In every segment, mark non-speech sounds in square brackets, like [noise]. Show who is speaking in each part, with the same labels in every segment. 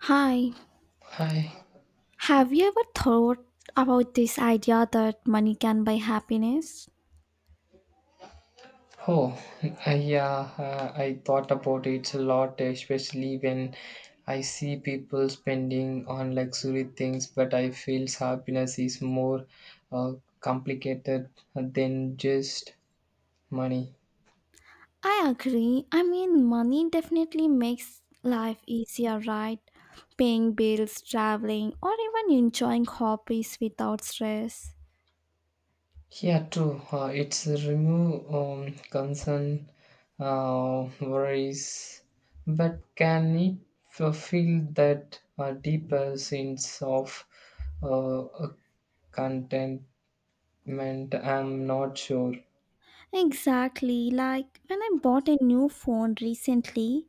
Speaker 1: Hi,
Speaker 2: Hi.
Speaker 1: have you ever thought about this idea that money can buy happiness?
Speaker 2: Oh, yeah, I thought about it a lot, especially when I see people spending on luxury things, but I feel happiness is more uh, complicated than just money.
Speaker 1: I agree. I mean, money definitely makes life easier, right? Paying bills, traveling, or even enjoying hobbies without stress.
Speaker 2: Yeah, true. It's a remove concern, worries, but can it fulfill that deeper sense of uh, uh, content meant I'm not sure.
Speaker 1: Exactly. Like when I bought a new phone recently,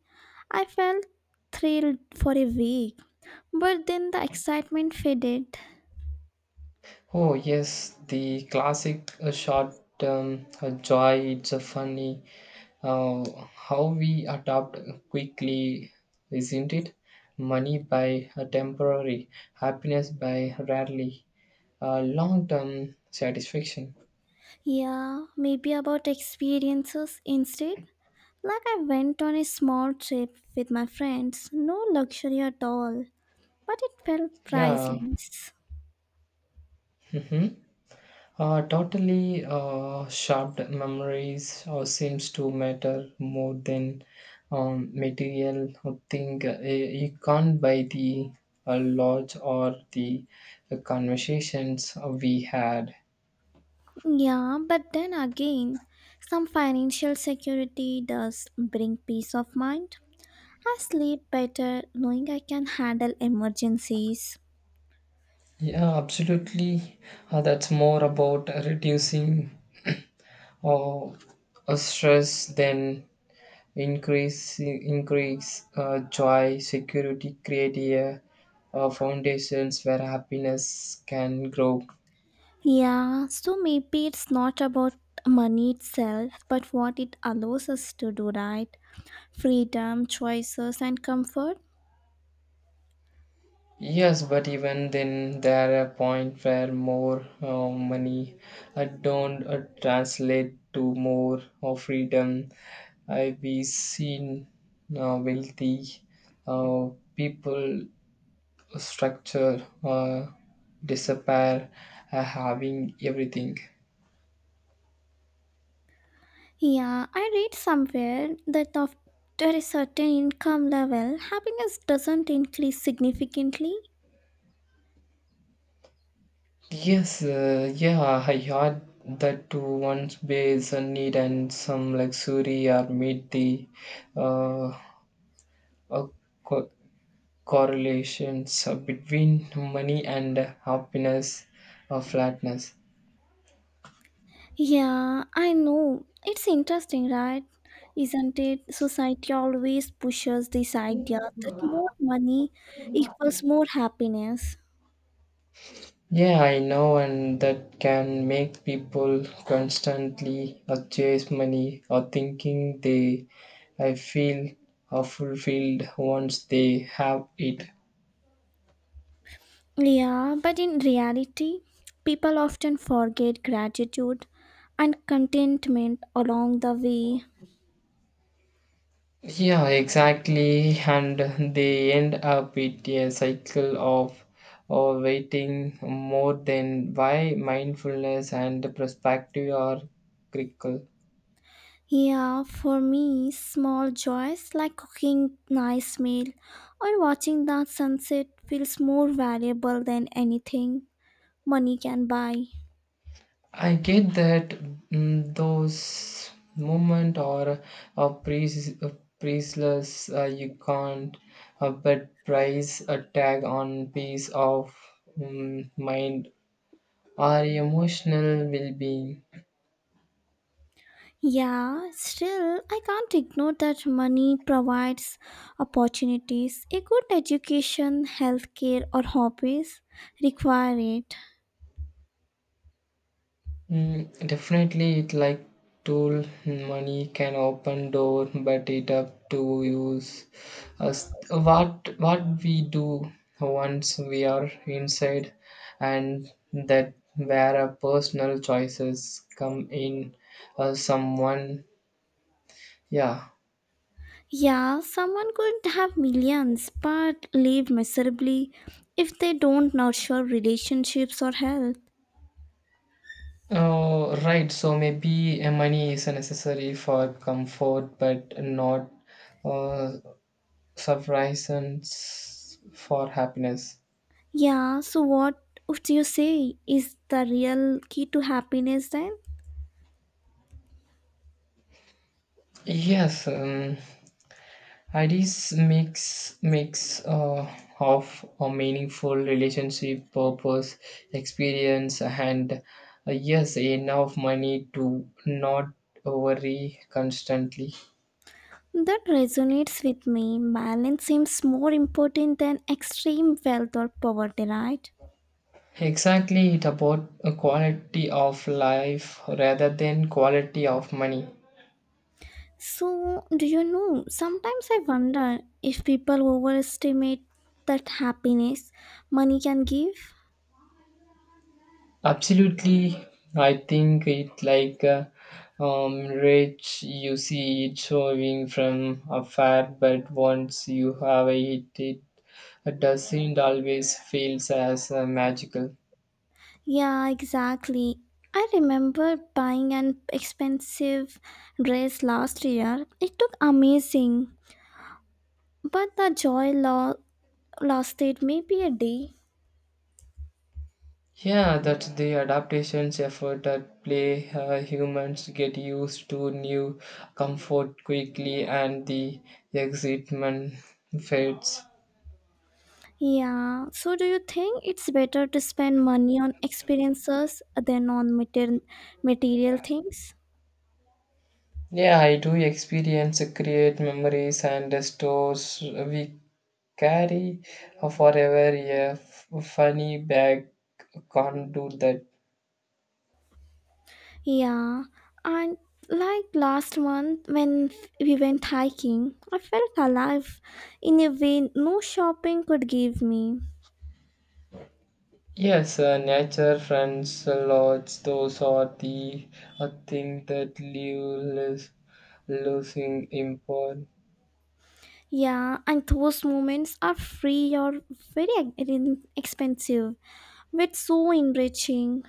Speaker 1: I felt thrilled for a week, but then the excitement faded.
Speaker 2: Oh, yes, the classic short term joy. It's a funny uh, how we adapt quickly, isn't it? Money by a temporary, happiness by rarely, long term satisfaction.
Speaker 1: Yeah, maybe about experiences instead. Like I went on a small trip with my friends, no luxury at all, but it felt
Speaker 2: Yeah.
Speaker 1: priceless.
Speaker 2: hmm Totally sharp memories seems to matter more than material thing. You can't buy the lodge or the conversations we had.
Speaker 1: Yeah, but then again, some financial security does bring peace of mind. I sleep better knowing I can handle emergencies.
Speaker 2: Yeah, absolutely. That's more about reducing [coughs] [clears throat] stress than increase joy security create a, foundations where happiness can grow.
Speaker 1: Yeah, so maybe it's not about money itself, but what it allows us to do, right? Freedom, choices, and comfort.
Speaker 2: Yes, but even then there are point where more money don't translate to more of freedom. I've seen wealthy uh, people structure disappear having everything.
Speaker 1: Yeah, I read somewhere that after a certain income level, happiness doesn't increase significantly.
Speaker 2: Yes, yeah, I heard that to once base a need and some luxury or meet the uh, uh, co- correlations between money and happiness or flatness.
Speaker 1: Yeah, I know. It's interesting, right? Isn't it? Society always pushes this idea that more money equals more happiness.
Speaker 2: Yeah, I know, and that can make people constantly chase money or thinking they I feel are fulfilled once they have it.
Speaker 1: Yeah, but in reality, people often forget gratitude and contentment along the way.
Speaker 2: Yeah, exactly. And they end up with a cycle of or waiting more than why mindfulness and the perspective are critical.
Speaker 1: Yeah, for me, small joys like cooking nice meal or watching the sunset feels more valuable than anything money can buy.
Speaker 2: I get that. Those moment or a priest, priestless you can't but price a tag on peace of mind or emotional well-being.
Speaker 1: Yeah, still I can't ignore that money provides opportunities. A good education, healthcare or hobbies require it.
Speaker 2: Definitely, it like tool money can open door, but it up to use us what we do once we are inside, and that where our personal choices come in. Uh, someone, yeah.
Speaker 1: Yeah, someone could have millions but live miserably if they don't nurture relationships or health.
Speaker 2: Oh, right. So maybe money is necessary for comfort, but not uh, surprises for happiness.
Speaker 1: Yeah, so what would you say is the real key to happiness then?
Speaker 2: Yes, ideas makes of a meaningful relationship, purpose, experience, and yes, enough money to not worry constantly.
Speaker 1: That resonates with me. Balance seems more important than extreme wealth or poverty, right?
Speaker 2: Exactly, it about a quality of life rather than quality of money.
Speaker 1: So, do you know? Sometimes I wonder if people overestimate that happiness money can give.
Speaker 2: Absolutely, I think it like a rich. You see it showing from afar, but once you have it, it doesn't always feels as magical.
Speaker 1: Yeah, exactly. I remember buying an expensive dress last year. It took amazing, but the joy lasted maybe a day.
Speaker 2: Yeah, that's the adaptations effort at play. Humans get used to new comfort quickly, and the excitement fades.
Speaker 1: Yeah, so do you think it's better to spend money on experiences than on material things?
Speaker 2: Yeah, I do experience create memories and stores we carry forever. Funny bag can't do that.
Speaker 1: Yeah, and like last month when we went hiking, I felt alive in a way no shopping could give me.
Speaker 2: Yes, nature friends lodge those are the a thing that live less losing import,
Speaker 1: Yeah, and those moments are free or very expensive, but so enriching.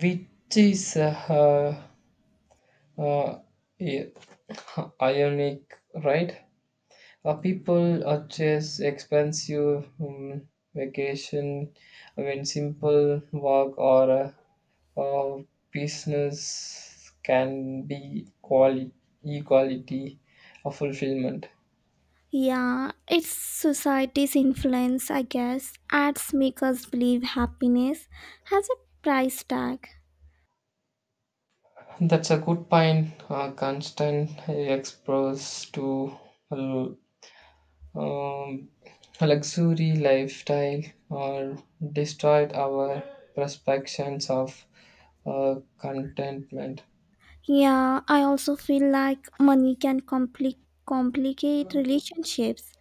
Speaker 2: which is uh, uh, i- ironic, [laughs] right. People chase expensive vacation when simple work or uh, uh, business can be equality of fulfillment.
Speaker 1: Yeah, it's society's influence, I guess. Ads make us believe happiness has a price tag.
Speaker 2: That's a good point. Constant exposure to um, luxury lifestyle or destroyed our perceptions of contentment.
Speaker 1: Yeah, I also feel like money can complicate relationships,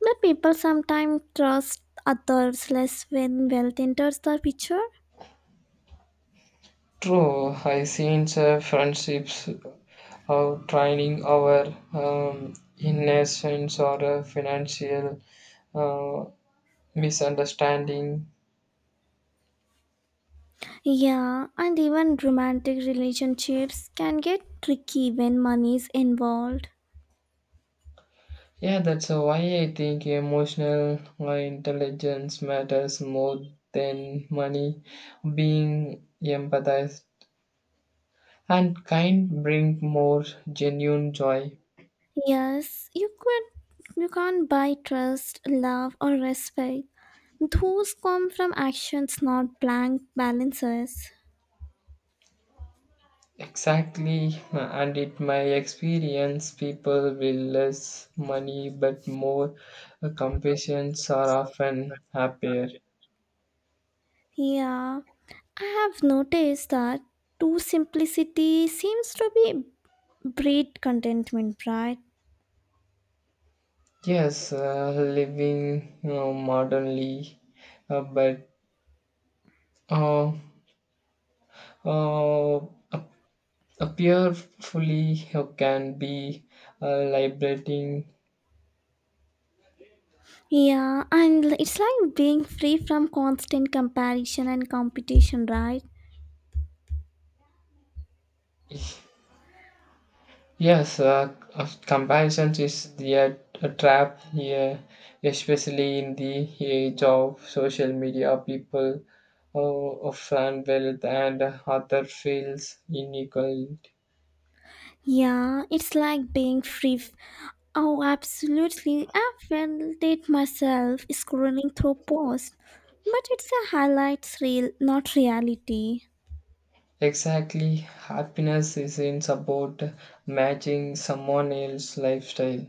Speaker 1: but people sometimes trust others less when wealth enters the picture.
Speaker 2: True, I seen friendships training our innocence or a financial uh, misunderstanding.
Speaker 1: Yeah, and even romantic relationships can get tricky when money is involved.
Speaker 2: Yeah, that's why I think emotional intelligence matters more than money. Being empathized and kind bring more genuine joy.
Speaker 1: Yes, you can't buy trust, love or respect. Those come from actions not blank balances.
Speaker 2: Exactly, and in my experience, people with less money but more compassions are often happier.
Speaker 1: Yeah. I have noticed that too simplicity seems to be breed contentment, right?
Speaker 2: Yes, living modernly, but uh, uh, ap- appear fully can be liberating.
Speaker 1: Yeah, and it's like being free from constant comparison and competition, right?
Speaker 2: [laughs] Yes, of comparisons is the a trap here, especially in the age of social media. People often wealth and other feels unequal.
Speaker 1: Yeah, it's like being free. Oh, absolutely. I felt it myself scrolling through posts. But it's a highlight reel, not reality.
Speaker 2: Exactly, happiness is in about matching someone else's lifestyle.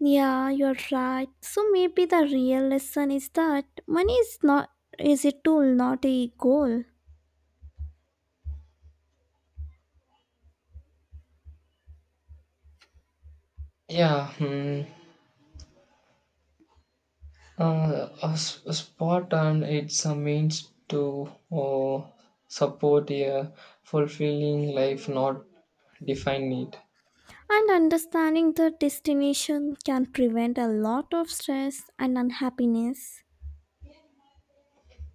Speaker 1: Yeah, you're right. So maybe the real lesson is that money is not is a tool, not a goal.
Speaker 2: Yeah. A, a spot on it's a means to support a fulfilling life, not define it.
Speaker 1: And understanding the destination can prevent a lot of stress and unhappiness.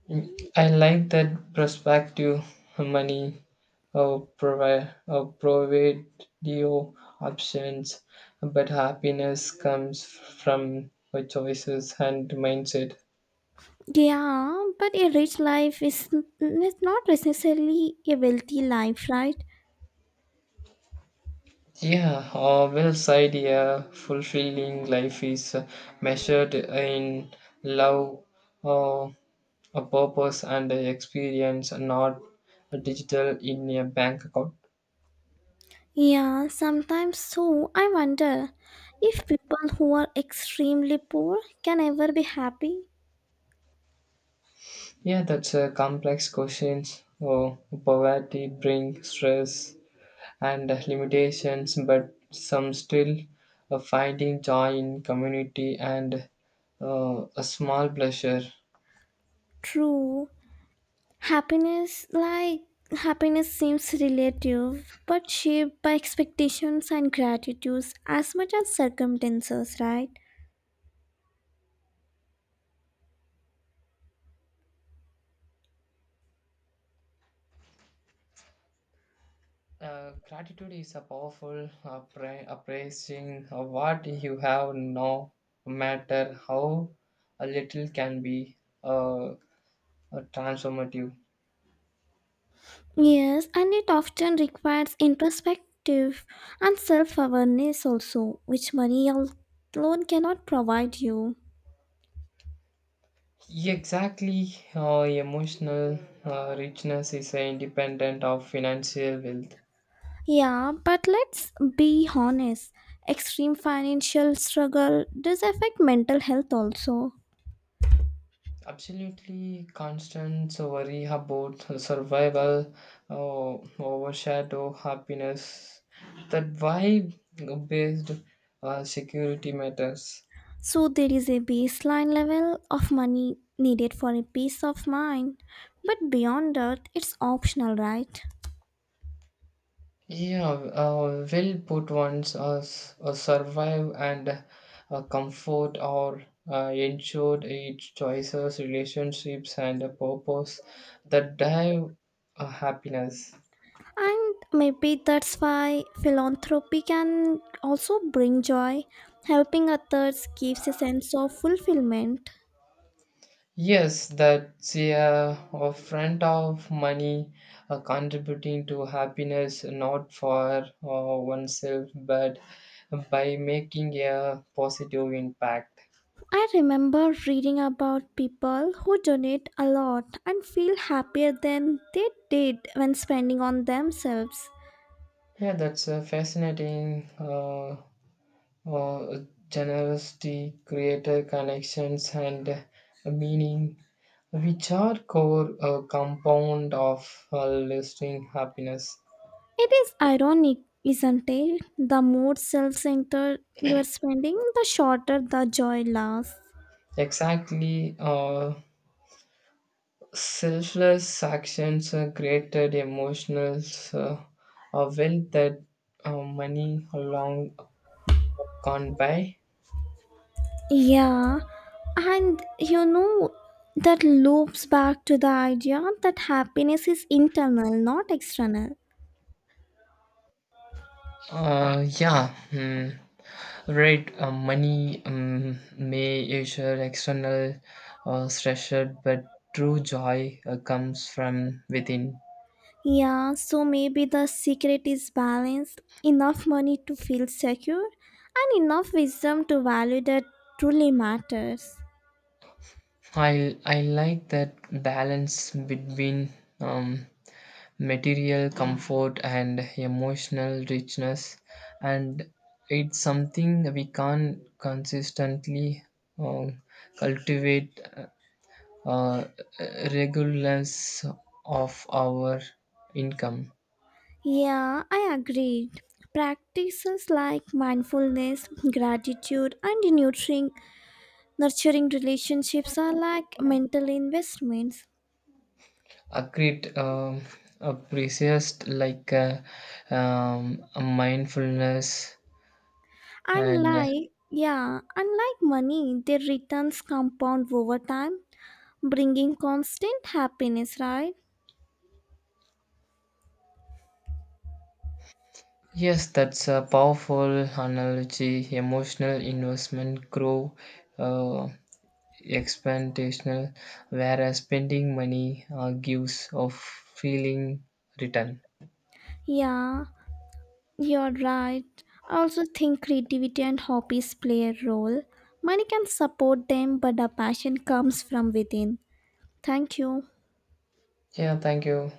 Speaker 2: Mm, I like that perspective. Money provide you options, but happiness comes from your choices and mindset.
Speaker 1: Yeah, but a rich life is not necessarily a wealthy life, right?
Speaker 2: Yeah, well said. Yeah, fulfilling life is measured in love, uh, a purpose, and a experience, not a digital in a bank account.
Speaker 1: Yeah, sometimes so. I wonder if people who are extremely poor can ever be happy.
Speaker 2: Yeah, that's a complex question. Oh, poverty brings stress and limitations, but some still finding joy in community and a small pleasure.
Speaker 1: True. Happiness, like, happiness seems relative, but shaped by expectations and gratitudes as much as circumstances, right?
Speaker 2: Gratitude is a powerful appraising of what you have now, no matter how a little can be uh, transformative.
Speaker 1: Yes, and it often requires introspective and self awareness also, which money alone cannot provide you.
Speaker 2: Exactly, emotional richness is independent of financial wealth.
Speaker 1: Yeah, but let's be honest extreme financial struggle does affect mental health also.
Speaker 2: Absolutely, constant worry about survival uh, overshadow happiness. That why based security matters.
Speaker 1: So, there is a baseline level of money needed for a peace of mind, but beyond that, it's optional, right?
Speaker 2: Yeah, well put ones as survive and comfort or ensure its choices, relationships, and a purpose that drive happiness.
Speaker 1: And maybe that's why philanthropy can also bring joy. Helping others gives a sense of fulfillment.
Speaker 2: Yes, that's yeah, a front of money contributing to happiness not for oneself but by making a positive impact.
Speaker 1: I remember reading about people who donate a lot and feel happier than they did when spending on themselves.
Speaker 2: Yeah, that's a fascinating. Uh, Generosity, creator connections, and meaning, which are core compound of lasting happiness.
Speaker 1: It is ironic, isn't it? The more self centered you are spending, the shorter the joy lasts.
Speaker 2: Exactly, selfless actions created emotional uh, wealth that money alone can't buy.
Speaker 1: Yeah, and you know, that loops back to the idea that happiness is internal, not external.
Speaker 2: Uh, yeah, mm, right. Money may assure external stressor, but true joy comes from within.
Speaker 1: Yeah, so maybe the secret is balance, enough money to feel secure, and enough wisdom to value that truly matters.
Speaker 2: I like that balance between um, material comfort and emotional richness, and it's something we can't consistently um, cultivate uh, regularness of our income.
Speaker 1: Yeah, I agreed. Practices like mindfulness, gratitude, and nurturing relationships are like mental investments.
Speaker 2: A great a precise like a mindfulness and
Speaker 1: Unlike, yeah, unlike money, their returns compound over time, bringing constant happiness, right?
Speaker 2: yes, that's a powerful analogy. Emotional investment grow uh, expansional, whereas spending money gives of feeling return.
Speaker 1: Yeah, you're right. I also think creativity and hobbies play a role. Money can support them, but a passion comes from within. Thank you.
Speaker 2: Yeah, thank you.